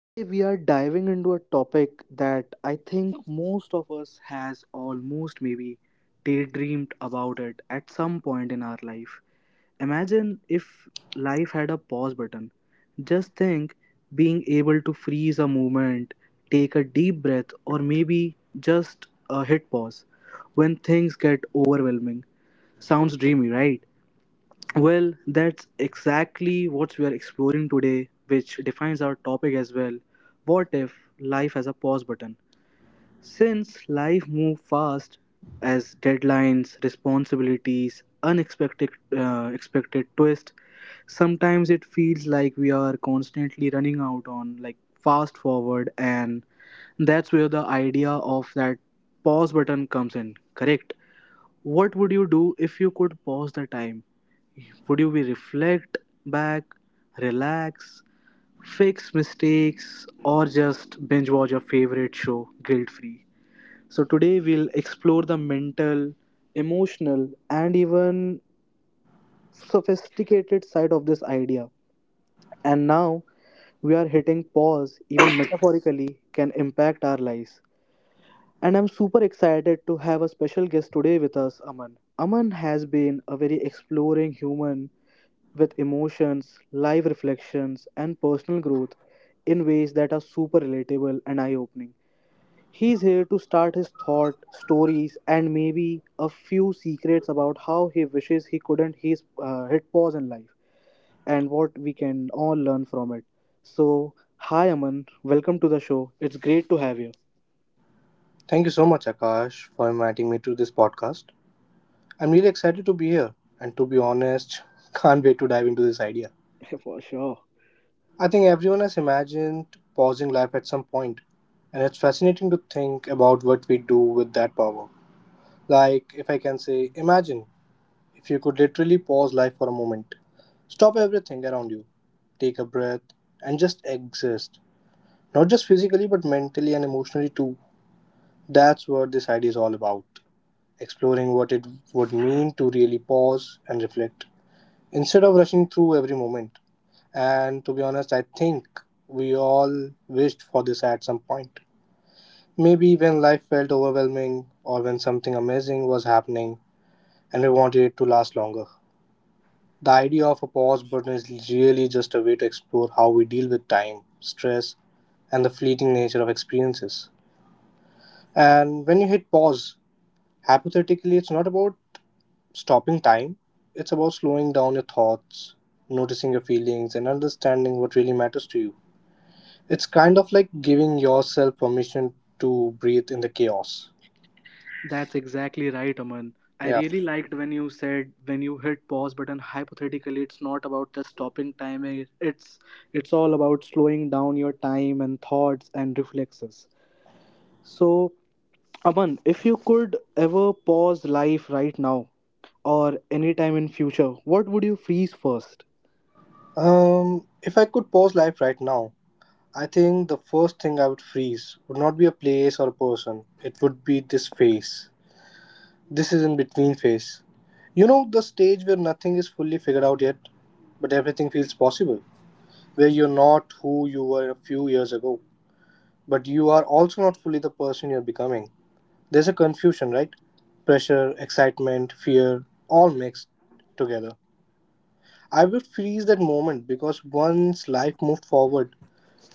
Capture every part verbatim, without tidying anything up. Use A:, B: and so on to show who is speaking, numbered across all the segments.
A: today we are diving into a topic that I think most of us has almost maybe daydreamed about it at some point in our life. Imagine if life had a pause button. Just think being able to freeze a moment, take a deep breath, or maybe just uh, hit pause when things get overwhelming. Sounds dreamy, right? Well, that's exactly what we are exploring today, which defines our topic as well. What if life has a pause button? Since life moves fast, as deadlines, responsibilities, unexpected uh, expected twist, sometimes it feels like we are constantly running out on like fast forward, and that's where the idea of that pause button comes in. Correct. What would you do if you could pause the time? Would you be reflect back, relax, fix mistakes, or just binge watch your favorite show guilt free? So, today we'll explore the mental, emotional, and even sophisticated side of this idea. And now we are hitting pause, even metaphorically, can impact our lives. And I'm super excited to have a special guest today with us, Aman. Aman has been a very exploring human with emotions, live reflections, and personal growth in ways that are super relatable and eye opening. He's here to start his thought, stories, and maybe a few secrets about how he wishes he couldn't his, uh, hit pause in life and what we can all learn from it. So, hi Aman, welcome to the show. It's great to have you.
B: Thank you so much, Akash, for inviting me to this podcast. I'm really excited to be here, and to be honest, can't wait to dive into this idea.
A: For sure.
B: I think everyone has imagined pausing life at some point, and it's fascinating to think about what we do with that power. Like, if I can say, imagine if you could literally pause life for a moment, stop everything around you, take a breath, and just exist. Not just physically, but mentally and emotionally too. That's what this idea is all about, exploring what it would mean to really pause and reflect instead of rushing through every moment. And to be honest, I think we all wished for this at some point. Maybe when life felt overwhelming or when something amazing was happening and we wanted it to last longer. The idea of a pause button is really just a way to explore how we deal with time, stress, and the fleeting nature of experiences. And when you hit pause, hypothetically, it's not about stopping time. It's about slowing down your thoughts, noticing your feelings, and understanding what really matters to you. It's kind of like giving yourself permission to breathe in the chaos.
A: That's exactly right, Aman. I
B: Yeah.
A: really liked when you said when you hit pause button hypothetically it's not about just stopping time it- it's it's all about slowing down your time and thoughts and reflexes. So Aman, if you could ever pause life right now or any time in future, what would you freeze first?
B: Um, if I could pause life right now, I think the first thing I would freeze would not be a place or a person. It would be this phase. This is in between phase. You know, the stage where nothing is fully figured out yet, but everything feels possible. Where you're not who you were a few years ago, but you are also not fully the person you're becoming. There's a confusion, right? Pressure, excitement, fear, all mixed together. I would freeze that moment because once life moved forward,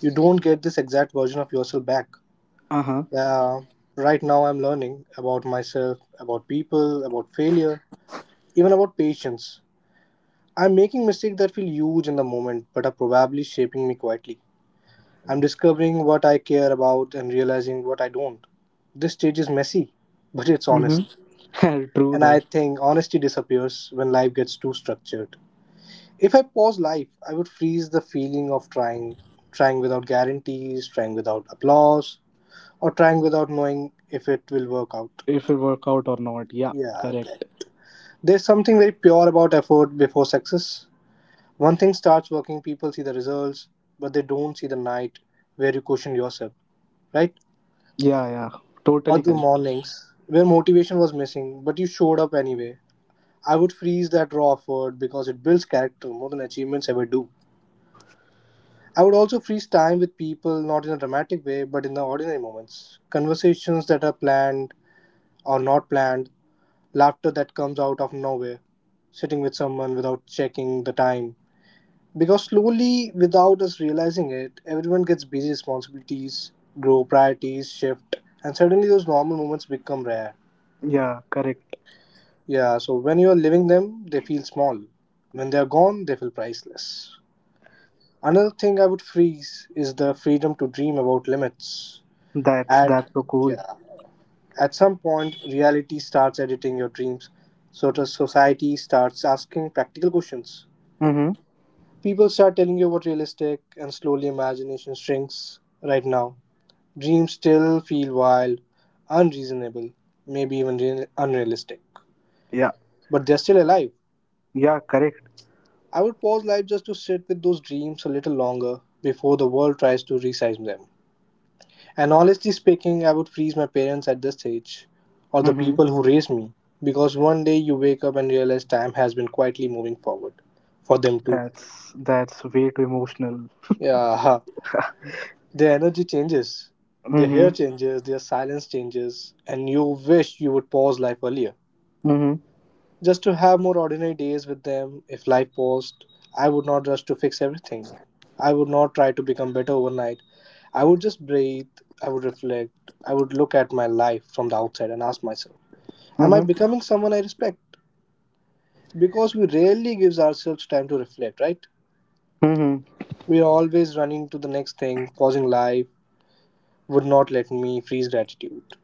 B: you don't get this exact version of yourself back.
A: Uh-huh.
B: Uh, right now, I'm learning about myself, about people, about failure, even about patience. I'm making mistakes that feel huge in the moment but are probably shaping me quietly. I'm discovering what I care about and realizing what I don't. This stage is messy, but it's honest.
A: Mm-hmm. True
B: And I
A: though.
B: think honesty disappears when life gets too structured. If I pause life, I would freeze the feeling of trying, trying without guarantees, trying without applause, or trying without knowing if it will work out.
A: If it work out or not. Yeah,
B: Yeah, okay.
A: correct.
B: There's something very pure about effort before success. One thing starts working, people see the results, but they don't see the night where you question yourself, right?
A: Yeah, yeah.
B: Or
A: Totally
B: the
A: correct.
B: mornings where motivation was missing, but you showed up anyway. I would freeze that raw effort because it builds character more than achievements ever do. I would also freeze time with people, not in a dramatic way, but in the ordinary moments. Conversations that are planned or not planned, laughter that comes out of nowhere, sitting with someone without checking the time. Because slowly, without us realizing it, everyone gets busy, responsibilities grow, priorities shift, and suddenly those normal moments become rare.
A: Yeah, correct.
B: Yeah, so when you're living them, they feel small. When they're gone, they feel priceless. Another thing I would freeze is the freedom to dream about limits.
A: That's
B: At
A: that's so cool.
B: yeah, at some point, reality starts editing your dreams. So does society starts asking practical questions.
A: Mm-hmm.
B: People start telling you what realistic, and slowly imagination shrinks. Right now, dreams still feel wild, unreasonable, maybe even re- unrealistic,
A: Yeah.
B: but they're still alive.
A: Yeah, correct.
B: I would pause life just to sit with those dreams a little longer before the world tries to resize them. And honestly speaking, I would freeze my parents at this stage, or the
A: Mm-hmm.
B: people who raised me, because one day you wake up and realize time has been quietly moving forward for them too.
A: That's that's way too emotional.
B: Yeah, their energy changes, their hair
A: Mm-hmm.
B: changes, their silence changes, and you wish you would pause life earlier,
A: Mm-hmm.
B: just to have more ordinary days with them. If life paused, I would not rush to fix everything. I would not try to become better overnight. I would just breathe, I would reflect, I would look at my life from the outside and ask myself, am I
A: Mm-hmm.
B: becoming someone I respect? Because we rarely gives ourselves time to reflect, right?
A: Mm-hmm.
B: We are always running to the next thing, pausing life would not let me freeze gratitude.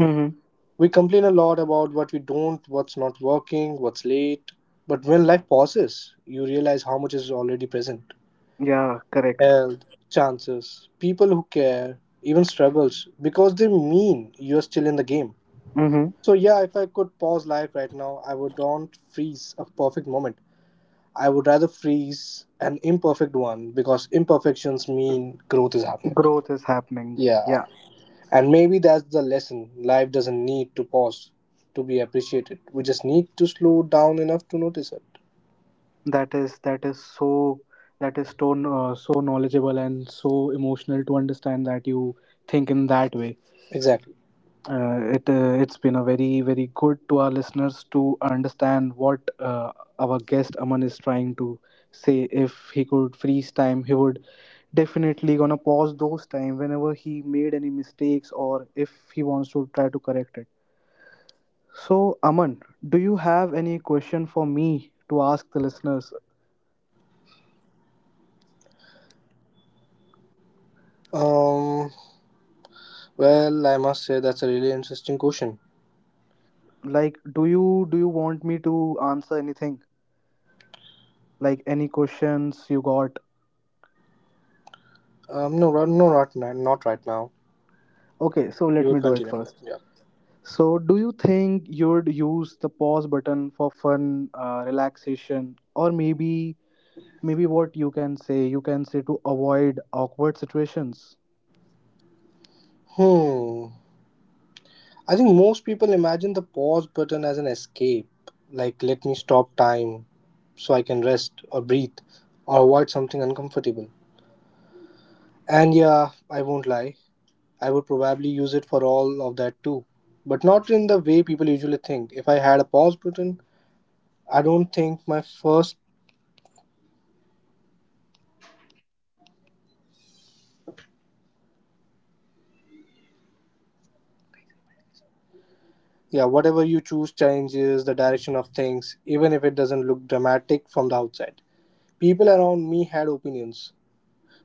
A: Mm-hmm.
B: We complain a lot about what we don't, what's not working, what's late. But when life pauses, you realize how much is already present,
A: Yeah, correct.
B: health, chances, people who care, even struggles, because they mean you're still in the game.
A: Mm-hmm.
B: So, yeah, if I could pause life right now, I would don't freeze a perfect moment. I would rather freeze an imperfect one because imperfections mean growth is happening.
A: Growth is happening.
B: Yeah.
A: Yeah.
B: And maybe that's the lesson. Life doesn't need to pause to be appreciated. We just need to slow down enough to notice it.
A: That is that is so that is so uh, so knowledgeable and so emotional to understand that you think in that way,
B: Exactly.
A: uh, it uh, it's been a very very good to our listeners to understand what, uh, our guest Aman is trying to say, if he could freeze time he would definitely gonna pause those time whenever he made any mistakes or if he wants to try to correct it. So Aman, do you have any question for me to ask the listeners?
B: Um. Well, I must say that's a really interesting question.
A: Like, do you do you want me to answer anything? Like any questions you got?
B: Um. No. right- No. Not. ni- Not right now.
A: Okay, so
B: You
A: let me
B: would
A: do it
B: continue.
A: first.
B: Yeah.
A: So, do you think you'd use the pause button for fun, uh, relaxation, or maybe maybe what you can say? You can say to avoid awkward situations.
B: Hmm. I think most people imagine the pause button as an escape. Like, let me stop time so I can rest or breathe or avoid something uncomfortable. And yeah, I won't lie. I would probably use it for all of that too, but not in the way people usually think. If I had a pause button, I don't think my first, yeah, whatever you choose changes the direction of things, even if it doesn't look dramatic from the outside. People around me had opinions.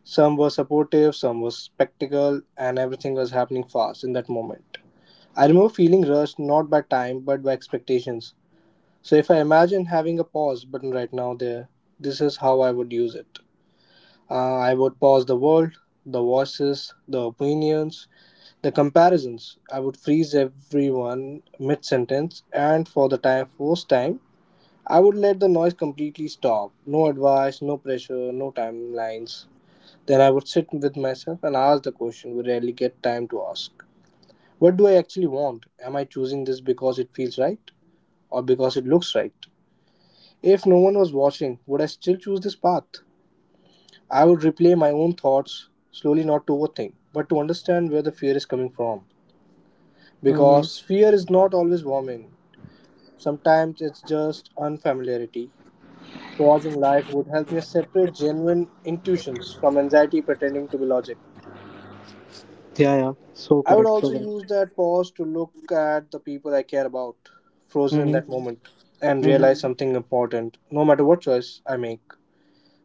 B: Some were supportive, some were skeptical, and everything was happening fast in that moment. I remember feeling rushed not by time but by expectations. So if I imagine having a pause button right now there, this is how I would use it. Uh, I would pause the world, the voices, the opinions, the comparisons. I would freeze everyone mid sentence, and for the time, first time, I would let the noise completely stop. No advice, no pressure, no timelines. Then I would sit with myself and ask the question we rarely get time to ask, what do I actually want? Am I choosing this because it feels right or because it looks right? If no one was watching, would I still choose this path? I would replay my own thoughts slowly, not to overthink, but to understand where the fear is coming from.
A: Mm-hmm.
B: Because fear is not always warming, sometimes it's just unfamiliarity. Pausing life would help me separate genuine intuitions from anxiety pretending to be logic.
A: Yeah, yeah. So
B: I would
A: correct. So
B: also
A: correct.
B: use that pause to look at the people I care about, frozen in
A: Mm-hmm.
B: that moment, and
A: Mm-hmm.
B: realize something important, no matter what choice I make.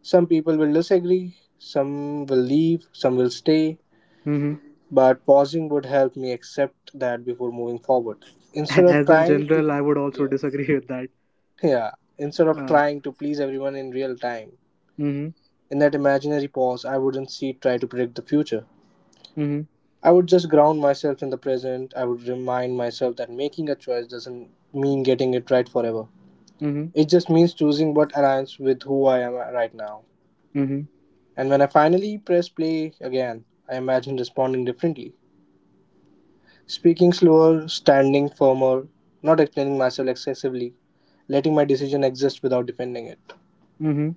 B: Some people will disagree, some will leave, some will stay,
A: Mm-hmm.
B: but pausing would help me accept that before moving forward. Instead of
A: As in
B: trying to
A: general, I would also
B: yeah,
A: disagree with that.
B: yeah, instead of
A: Uh,
B: trying to please everyone in real time,
A: mm-hmm.
B: in that imaginary pause I wouldn't see try to predict the future,
A: Mm-hmm.
B: I would just ground myself in the present. I would remind myself that making a choice doesn't mean getting it right forever,
A: Mm-hmm.
B: it just means choosing what aligns with who I am right now. And when I finally press play again, I imagine responding differently. Speaking slower, standing firmer, not explaining myself excessively, letting my decision exist without defending it.
A: Mm-hmm.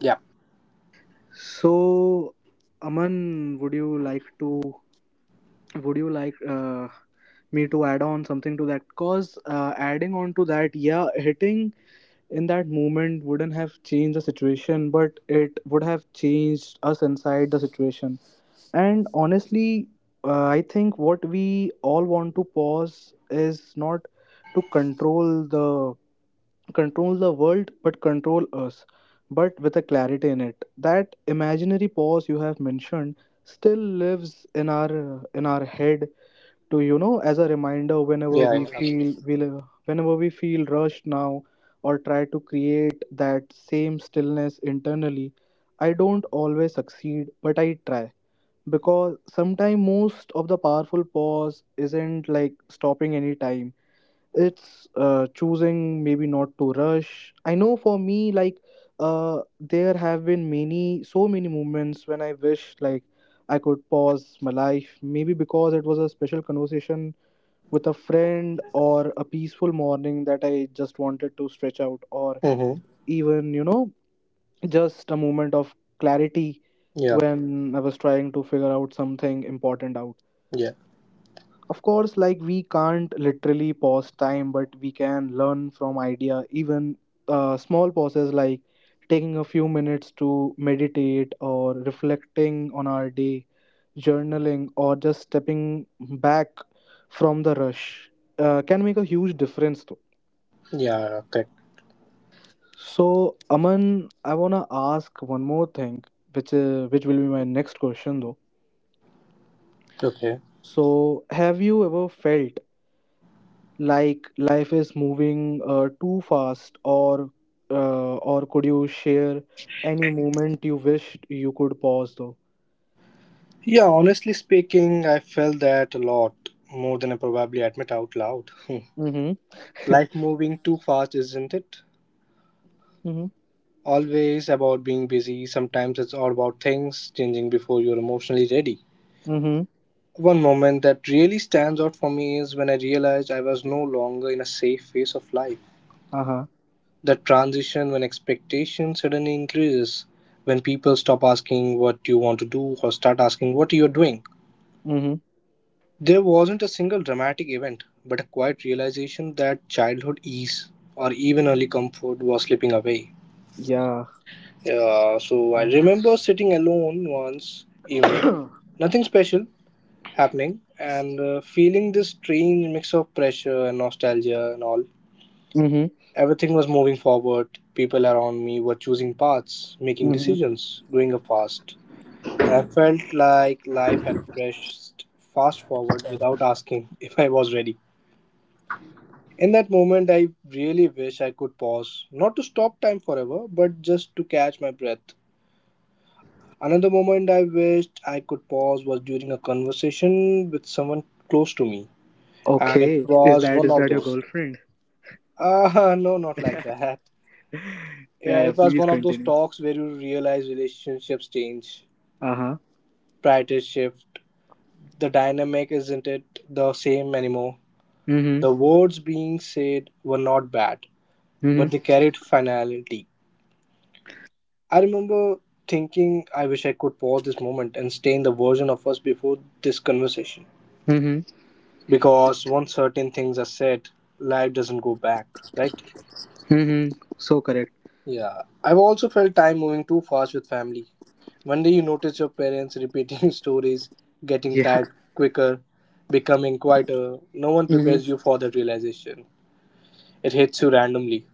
B: Yeah,
A: So, Aman, would you like to would you like uh, me to add on something to that? Cause uh, adding on to that, yeah, hitting in that moment wouldn't have changed the situation, but it would have changed us inside the situation. And honestly, uh, I think what we all want to pause is not to control the control the world but control us, but with a clarity in it that imaginary pause you have mentioned still lives in our in our head, to you know as a reminder whenever
B: yeah,
A: we
B: yeah.
A: feel we li- whenever we feel rushed now, or try to create that same stillness internally. I don't always succeed but I try, because sometimes most of the powerful pause isn't like stopping any time, it's uh, choosing maybe not to rush. I know for me like, uh, there have been many so many moments when I wish like I could pause my life, maybe because it was a special conversation with a friend, or a peaceful morning that I just wanted to stretch out, or
B: Mm-hmm.
A: even you know just a moment of clarity
B: Yeah,
A: when I was trying to figure out something important out.
B: yeah,
A: Of course, like we can't literally pause time, but we can learn from idea. Even uh, small pauses like taking a few minutes to meditate or reflecting on our day, journaling, or just stepping back from the rush uh, can make a huge difference though.
B: yeah, correct.
A: So, Aman, I wanna ask one more thing, which uh, which will be my next question though.
B: Okay.
A: So, have you ever felt like life is moving uh, too fast, or uh, or could you share any moment you wished you could pause though?
B: Yeah, honestly speaking, I felt that a lot, more than I probably admit out loud.
A: Mm-hmm.
B: Life moving too fast, isn't it?
A: Mm-hmm.
B: Always about being busy, sometimes it's all about things changing before you're emotionally ready.
A: Mm-hmm.
B: One moment that really stands out for me is when I realized I was no longer in a safe phase of life.
A: Uh-huh.
B: That transition when expectation suddenly increases, when people stop asking what you want to do or start asking what you're doing.
A: Mm-hmm.
B: There wasn't a single dramatic event, but a quiet realization that childhood ease or even early comfort was slipping away.
A: Yeah.
B: Yeah, so I remember sitting alone once evening,
A: Mm-hmm.
B: nothing special happening, and uh, feeling this strange mix of pressure and nostalgia and all. Everything was moving forward. People around me were choosing paths, making
A: Mm-hmm.
B: decisions, growing up fast. And I felt like life had pressed fast forward without asking if I was ready. In that moment, I really wish I could pause, not to stop time forever, but just to catch my breath. Another moment I wished I could pause was during a conversation with someone close to me, and it
A: Okay, is
B: was
A: that
B: one
A: is
B: of
A: that your
B: those.
A: girlfriend?
B: Ah, no, not like that.
A: Yeah,
B: Yeah,
A: yeah,
B: it was
A: please
B: one of those
A: continue.
B: talks where you realize relationships change,
A: Uh-huh.
B: priorities shift, the dynamic isn't it the same anymore.
A: Mm-hmm.
B: The words being said were not bad, but they
A: Mm-hmm.
B: carried finality. I remember thinking, I wish I could pause this moment and stay in the version of us before this conversation.
A: Mm-hmm.
B: Because once certain things are said, life doesn't go back, right?
A: Mm-hmm. So correct.
B: Yeah, I've also felt time moving too fast with family. One day you notice your parents repeating stories, getting
A: Yeah.
B: tired quicker, becoming quieter. No one prepares you
A: Mm-hmm.
B: for that realization. It hits you randomly,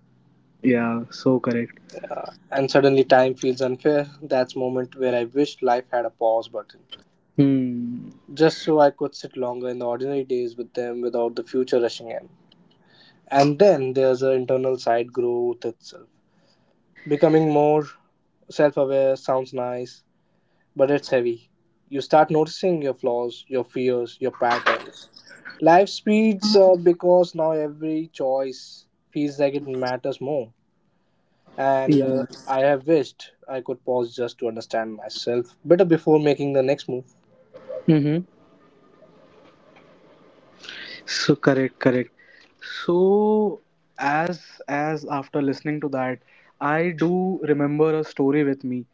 A: Yeah, so correct.
B: and suddenly time feels unfair. That's moment where I wished life had a pause button,
A: Hmm.
B: just so I could sit longer in the ordinary days with them without the future rushing in. And then there's the internal side growth itself. Becoming more self aware sounds nice, but it's heavy. You start noticing your flaws, your fears, your patterns. Life speeds up because now every choice feels like it matters more. And uh,
A: Yeah.
B: I have wished I could pause just to understand myself better before making the next move.
A: Yeah. So correct, correct. So as as after listening to that, I do remember a story with me.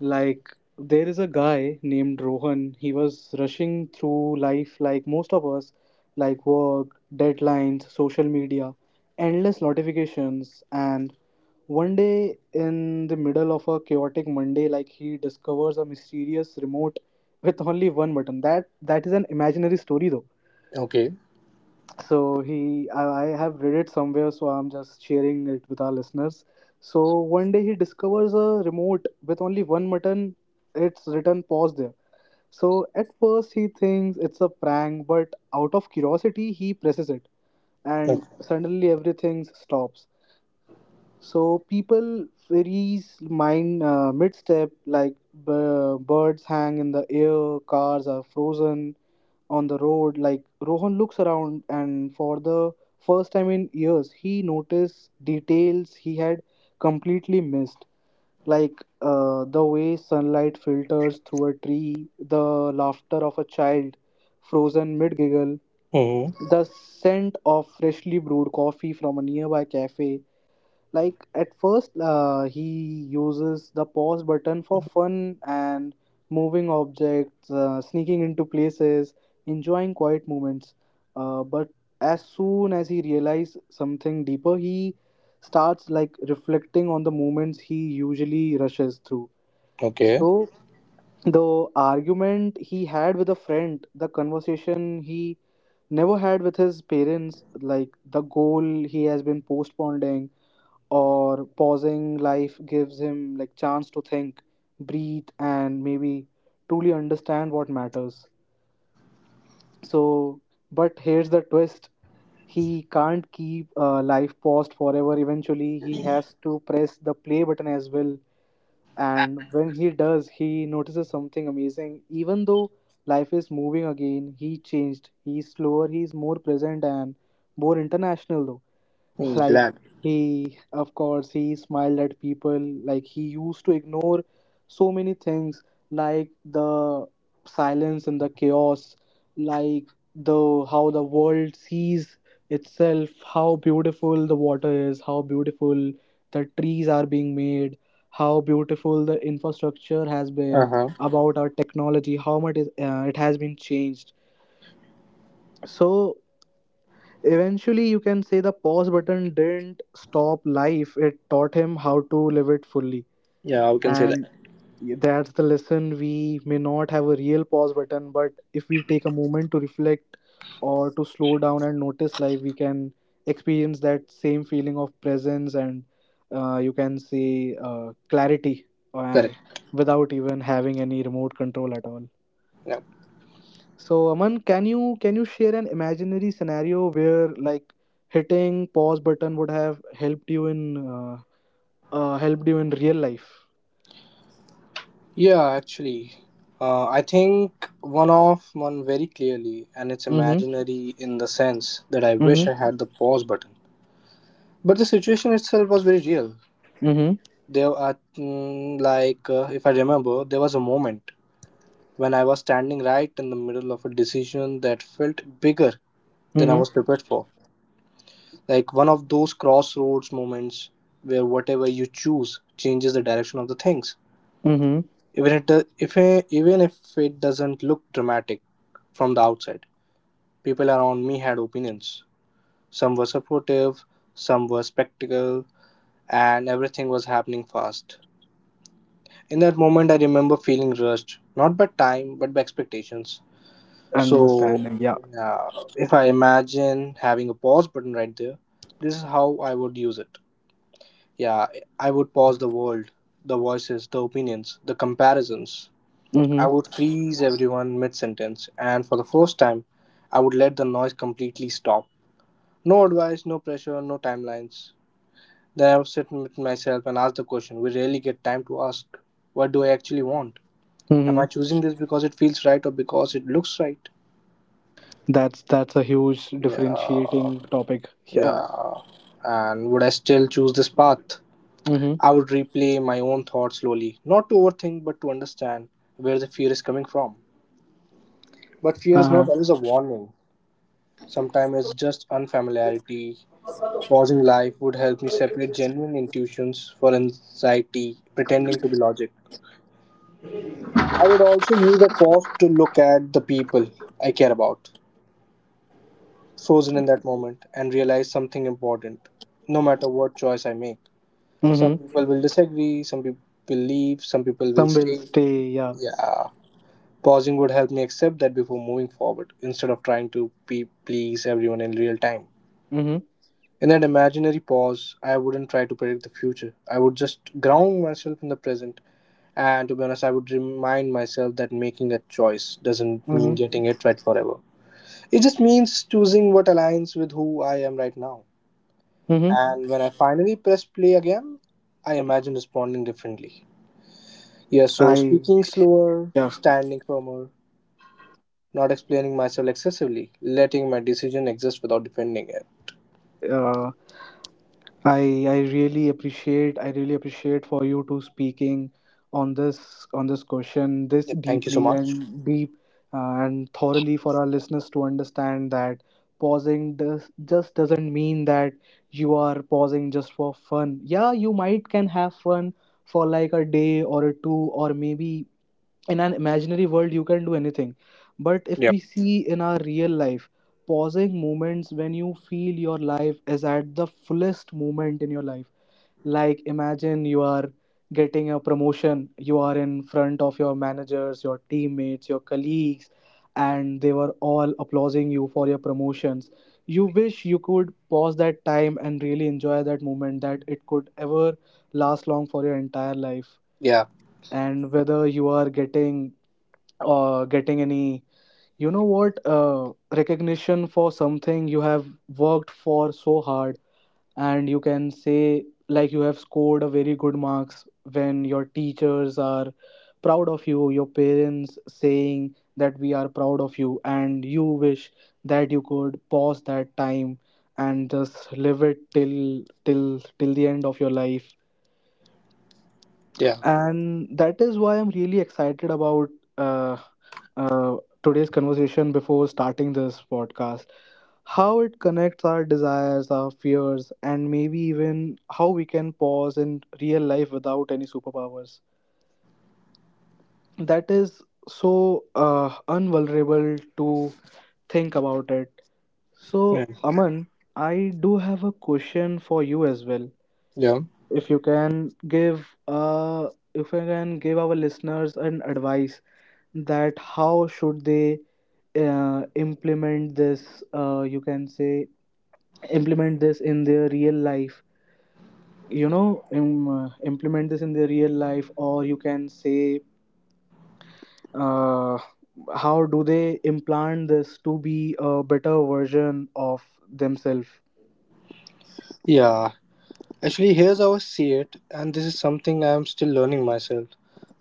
A: Like there is a guy named Rohan. He was rushing through life like most of us, like work, deadlines, social media, endless notifications, and one day in the middle of a chaotic Monday, like he discovers a mysterious remote with only one button. That that is an imaginary story though
B: Okay.
A: so he, I I have read it somewhere, so I'm just sharing it with our listeners. So one day he discovers a remote with only one button. It's written pause there. So at first he thinks it's a prank, but out of curiosity he presses it, and
B: Okay.
A: suddenly everything stops. So people freeze mine uh, mid-step, like b- birds hang in the air, cars are frozen on the road. Like Rohan looks around, and for the first time in years, he noticed details he had completely missed, like uh, the way sunlight filters through a tree, the laughter of a child frozen mid-giggle,
B: Mm-hmm.
A: the scent of freshly brewed coffee from a nearby cafe. Like at first uh, he uses the pause button for fun and moving objects, uh, sneaking into places, enjoying quiet moments, uh, but as soon as he realizes something deeper he starts like reflecting on the moments he usually rushes through.
B: Okay.
A: So the argument he had with a friend, the conversation he never had with his parents, like the goal he has been postponing, or pausing life gives him like chance to think, breathe, and maybe truly understand what matters. So but here's the twist, he can't keep uh, life paused forever, eventually he has to press the play button as well. And when he does he notices something amazing, even though life is moving again he changed, he's slower, he's more present, and more international though.
B: Mm,
A: Like
B: glad.
A: he of course he smiled at people, like he used to ignore so many things, like the silence and the chaos, like the how the world sees itself, how beautiful the water is, how beautiful the trees are being made, how beautiful the infrastructure has been
B: Uh huh.
A: about our technology, how much is, uh, it has been changed. So eventually, you can say the pause button didn't stop life, it taught him how to live it fully.
B: Yeah, we can say that.
A: And that's the lesson. We may not have a real pause button, but if we take a moment to reflect or to slow down and notice life, we can experience that same feeling of presence and uh, you can say uh, clarity uh,
B: Correct.
A: without even having any remote control at all.
B: Yeah.
A: So Aman, can you can you share an imaginary scenario where like hitting pause button would have helped you in uh, uh, helped you in real life?
B: Yeah, actually, uh, I think one of one very clearly, and it's
A: Mm-hmm.
B: imaginary in the sense that I wish I
A: Mm-hmm.
B: had the pause button. But the situation itself was very real.
A: Mm-hmm.
B: There, are, mm, like uh, if I remember, there was a moment when I was standing right in the middle of a decision that felt bigger than I
A: Mm-hmm.
B: was prepared for. Like one of those crossroads moments where whatever you choose changes the direction of the things.
A: Mm-hmm.
B: Even it do- if I- Even if it doesn't look dramatic from the outside, people around me had opinions. Some were supportive, some were skeptical, and everything was happening fast. In that moment, I remember feeling rushed, not by time but by expectations. so
A: Understanding. Yeah.
B: uh, if I imagine having a pause button right there, this is how I would use it. Yeah, I would pause the world, the voices, the opinions, the comparisons.
A: Mm-hmm.
B: I would freeze everyone mid sentence, and for the first time, I would let the noise completely stop. No advice, no pressure, no timelines. Then I would sit with myself and ask the question we rarely get time to ask. What do I actually want? Am I
A: Mm-hmm.
B: choosing this because it feels right or because it looks right?
A: That's that's a huge
B: Yeah,
A: differentiating topic. Yeah.
B: yeah. And would I still choose this path?
A: Mm-hmm.
B: I would replay my own thoughts slowly, not to overthink but to understand where the fear is coming from. But fear is not
A: Uh-huh.
B: always a warning. Sometimes it's just unfamiliarity. Pausing life would help me separate genuine intuitions for anxiety, pretending to be logic. I would also use that pause to look at the people I care about, frozen in that moment, and realize something important, no matter what choice I make. Some
A: Hmm.
B: people will disagree, some people will leave, some people will
A: Some will
B: stay.
A: stay. Yeah.
B: Yeah. Pausing would help me accept that before moving forward, instead of trying to pe- please everyone in real time.
A: Mm-hmm.
B: In that imaginary pause, I wouldn't try to predict the future. I would just ground myself in the present. And to be honest, I would remind myself that making a choice doesn't mean
A: Mm-hmm.
B: getting it right forever. It just means choosing what aligns with who I am right now.
A: Mm-hmm.
B: And when I finally press play again, I imagine responding differently. Yeah, so
A: I.
B: speaking slower,
A: Yeah.
B: standing firmer, not explaining myself excessively, letting my decision exist without defending it.
A: Uh. I I really appreciate I really appreciate for you to speaking on this on this question this
B: Yeah, thank you so
A: deeply
B: much.
A: and deep uh, and thoroughly for our listeners to understand that pausing does just doesn't mean that you are pausing just for fun. Yeah, you might can have fun for like a day or a two, or maybe in an imaginary world you can do anything. But if
B: Yeah.
A: we see in our real life pausing moments when you feel your life is at the fullest moment in your life, like imagine you are getting a promotion, you are in front of your managers, your teammates, your colleagues, and they were all applauding you for your promotions. You wish you could pause that time and really enjoy that moment, that it could ever last long for your entire life.
B: Yeah,
A: And whether you are getting or getting any you know what uh, recognition for something you have worked for so hard. And you can say like you have scored a very good marks when your teachers are proud of you, your parents saying that we are proud of you, and you wish that you could pause that time and just live it till till till the end of your life.
B: yeah,
A: And that is why I'm really excited about uh, uh, today's conversation before starting this podcast, how it connects our desires, our fears, and maybe even how we can pause in real life without any superpowers. That is so uh, unvulnerable to think about it. So
B: yeah.
A: Aman, I do have a question for you as well.
B: yeah.
A: if you can give uh, if you can give our listeners an advice that how should they uh, implement this, uh, you can say, implement this in their real life. You know, im- uh, implement this in their real life, or you can say, uh, how do they implant this to be a better version of themselves?
B: Yeah, actually, here's how I see it, and this is something I'm still learning myself.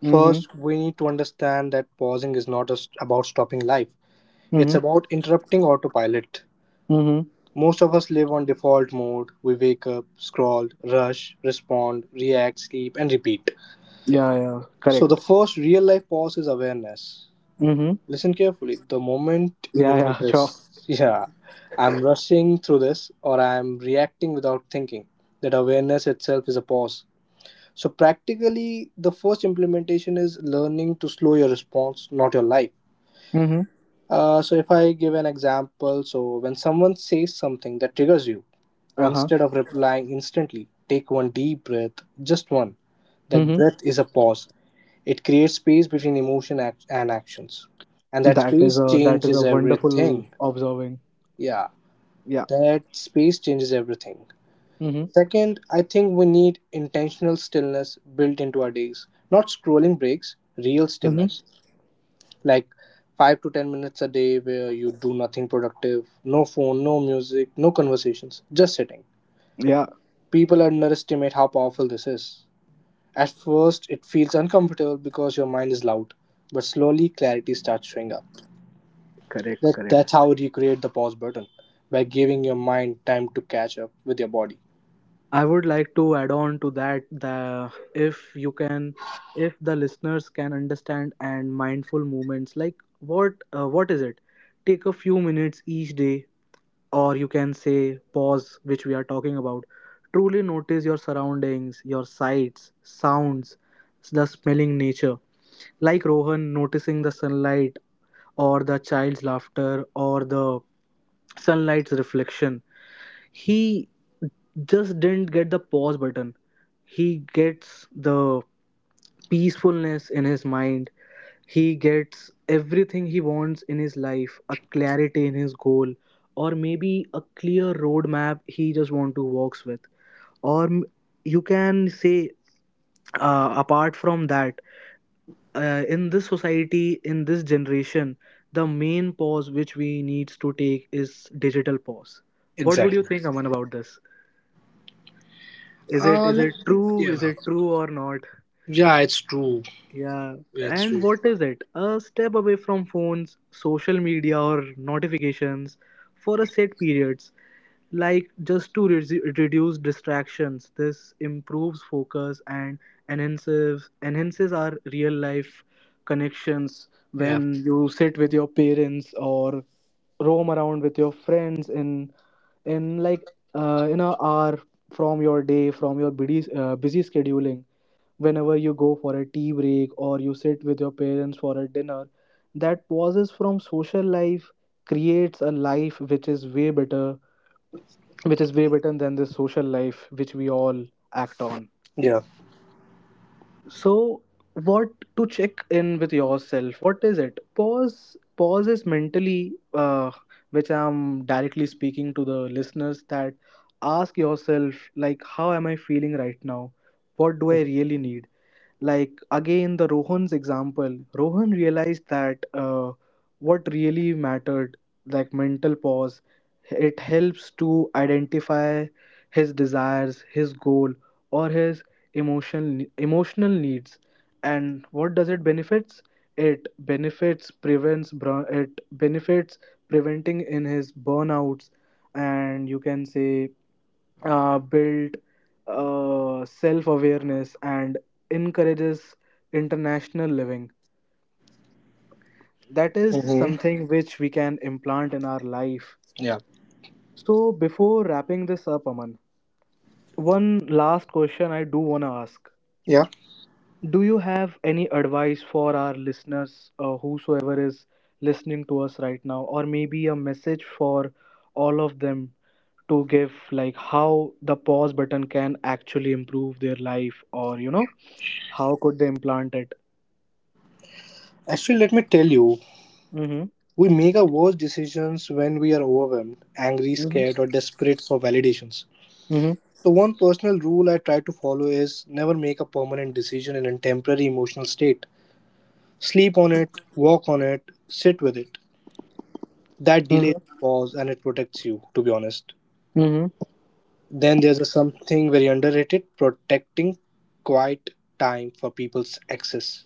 B: First,
A: Mm-hmm.
B: we need to understand that pausing is not just about stopping life, it's
A: Mm-hmm.
B: about interrupting autopilot.
A: Mm-hmm.
B: Most of us live on default mode. We wake up, scroll, rush, respond, react, sleep, and repeat.
A: Yeah, yeah,
B: So, the
A: correct.
B: first real life pause is awareness.
A: Mm-hmm.
B: Listen carefully. The moment you
A: Yeah, yeah, sure.
B: notice, yeah, I'm rushing through this or I'm reacting without thinking, that awareness itself is a pause. So, practically, the first implementation is learning to slow your response, not your life.
A: Mm-hmm.
B: Uh, so, if I give an example, so when someone says something that triggers you,
A: Uh-huh.
B: instead of replying instantly, take one deep breath, just one. That
A: Mm-hmm.
B: breath is a pause, it creates space between emotion act- and actions. And that
A: That is
B: space
A: a, that is a
B: changes
A: wonderful
B: everything.
A: observing.
B: Yeah,
A: Yeah.
B: that space changes everything.
A: Mm-hmm.
B: Second, I think we need intentional stillness built into our days, not scrolling breaks, real
A: Mm-hmm.
B: stillness. Like five to ten minutes a day where you do nothing productive, no phone, no music, no conversations, just sitting.
A: Yeah.
B: People underestimate how powerful this is. At first, it feels uncomfortable because your mind is loud, but slowly clarity starts showing up.
A: Correct,
B: That,
A: correct.
B: that's how you create the pause button by giving your mind time to catch up with your body.
A: I would like to add on to that, the if you can, if the listeners can understand and mindful movements, like what uh, what is it, take a few minutes each day, or you can say pause, which we are talking about. Truly notice your surroundings, your sights, sounds, the smelling nature. Like Rohan noticing the sunlight, or the child's laughter, or the sunlight's reflection. He just didn't get the pause button. He gets the peacefulness in his mind, he gets everything he wants in his life, a clarity in his goal, or maybe a clear roadmap he just want to walks with, or m- you can say, uh, apart from that, uh, in this society, in this generation, the main pause which we needs to take is digital pause. What would you
B: Exactly.
A: think, Aman, about this? Is it,
B: Uh,
A: is
B: let,
A: it
B: me,
A: true, is
B: yeah.
A: it true or not?
B: Yeah, it's true.
A: Yeah.
B: Yeah, it's
A: And
B: true.
A: what is it? A step away from phones, social media, or notifications for a set periods, like just to re- reduce distractions. This improves focus and enhances enhances our real life connections
B: Yeah.
A: when you sit with your parents or roam around with your friends in in like, uh, in a hour from your day, from your busy uh, busy scheduling. Whenever you go for a tea break or you sit with your parents for a dinner, that pauses from social life creates a life which is way better, which is way better than this social life which we all act on.
B: Yeah.
A: So, what, to check in with yourself, what is it, pause, pause is mentally, uh, which I'm directly speaking to the listeners that ask yourself like how am I feeling right now, what do I really need? Like again, the Rohan's example, Rohan realized that uh, what really mattered, like mental pause, it helps to identify his desires, his goal, or his emotion emotional needs. And what does it benefits? It benefits prevents br. It benefits preventing in his burnouts. And you can say, uh, build uh, self awareness and encourages international living. That is
B: Mm-hmm.
A: something which we can implant in our life.
B: Yeah.
A: So, before wrapping this up, Aman, one last question I do want to ask.
B: Yeah.
A: Do you have any advice for our listeners, uh, whosoever is listening to us right now, or maybe a message for all of them to give, like how the pause button can actually improve their life, or you know, how could they implant it?
B: Actually, let me tell you,
A: Mm-hmm.
B: we make our worst decisions when we are overwhelmed, angry,
A: Mm-hmm.
B: scared, or desperate for validations.
A: Mm-hmm.
B: So, one personal rule I try to follow is never make a permanent decision in a temporary emotional state. Sleep on it, walk on it, sit with it. That delays pause and it protects you, to be honest.
A: Mm-hmm.
B: Then there's a something very underrated, protecting quiet time for people's access.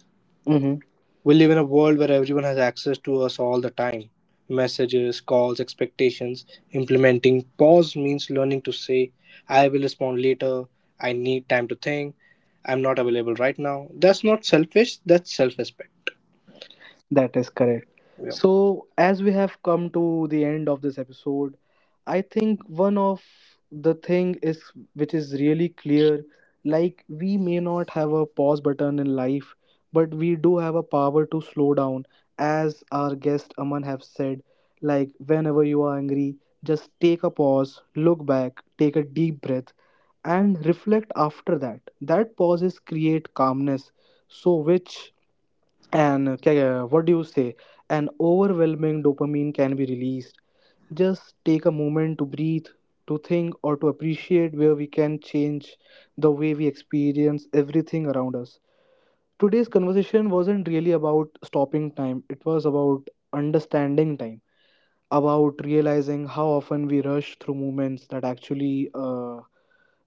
A: Mm-hmm.
B: We live in a world where everyone has access to us all the time, messages, calls, expectations. Implementing pause means learning to say, I will respond later, I need time to think, I'm not available right now. That's not selfish, that's self respect.
A: That is correct.
B: Yeah.
A: So, as we have come to the end of this episode, I think one of the thing is which is really clear, like we may not have a pause button in life, but we do have a power to slow down. As our guest Aman have said, like whenever you are angry, just take a pause, look back, take a deep breath and reflect after that. That pauses create calmness. So which, and uh, ca- uh, what do you say, an overwhelming dopamine can be released, just take a moment to breathe, to think, or to appreciate where we can change the way we experience everything around us. Today's conversation wasn't really about stopping time, it was about understanding time, about realizing how often we rush through moments that actually uh,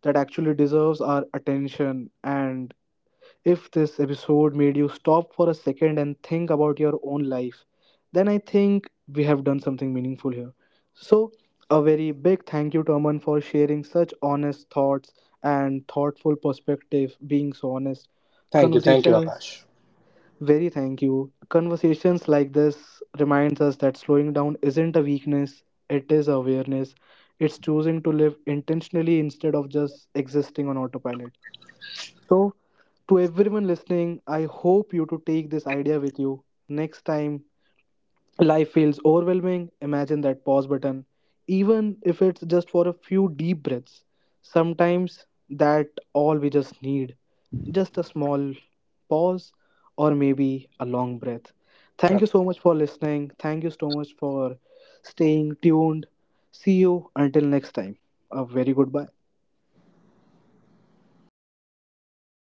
A: that actually deserves our attention. And if this episode made you stop for a second and think about your own life, then I think we have done something meaningful here. So, a very big thank you to Aman for sharing such honest thoughts and thoughtful perspective, being so honest.
B: Thank you, thank you, Akash.
A: Conversations, very thank you. Conversations like this reminds us that slowing down isn't a weakness, it is awareness. It's choosing to live intentionally instead of just existing on autopilot. So, to everyone listening, I hope you to take this idea with you. Next time life feels overwhelming, imagine that pause button, even if it's just for a few deep breaths. Sometimes that all we just need, just a small pause, or maybe a long breath. Thank you so much for listening. Thank you so much for staying tuned. See you until next time. A very goodbye.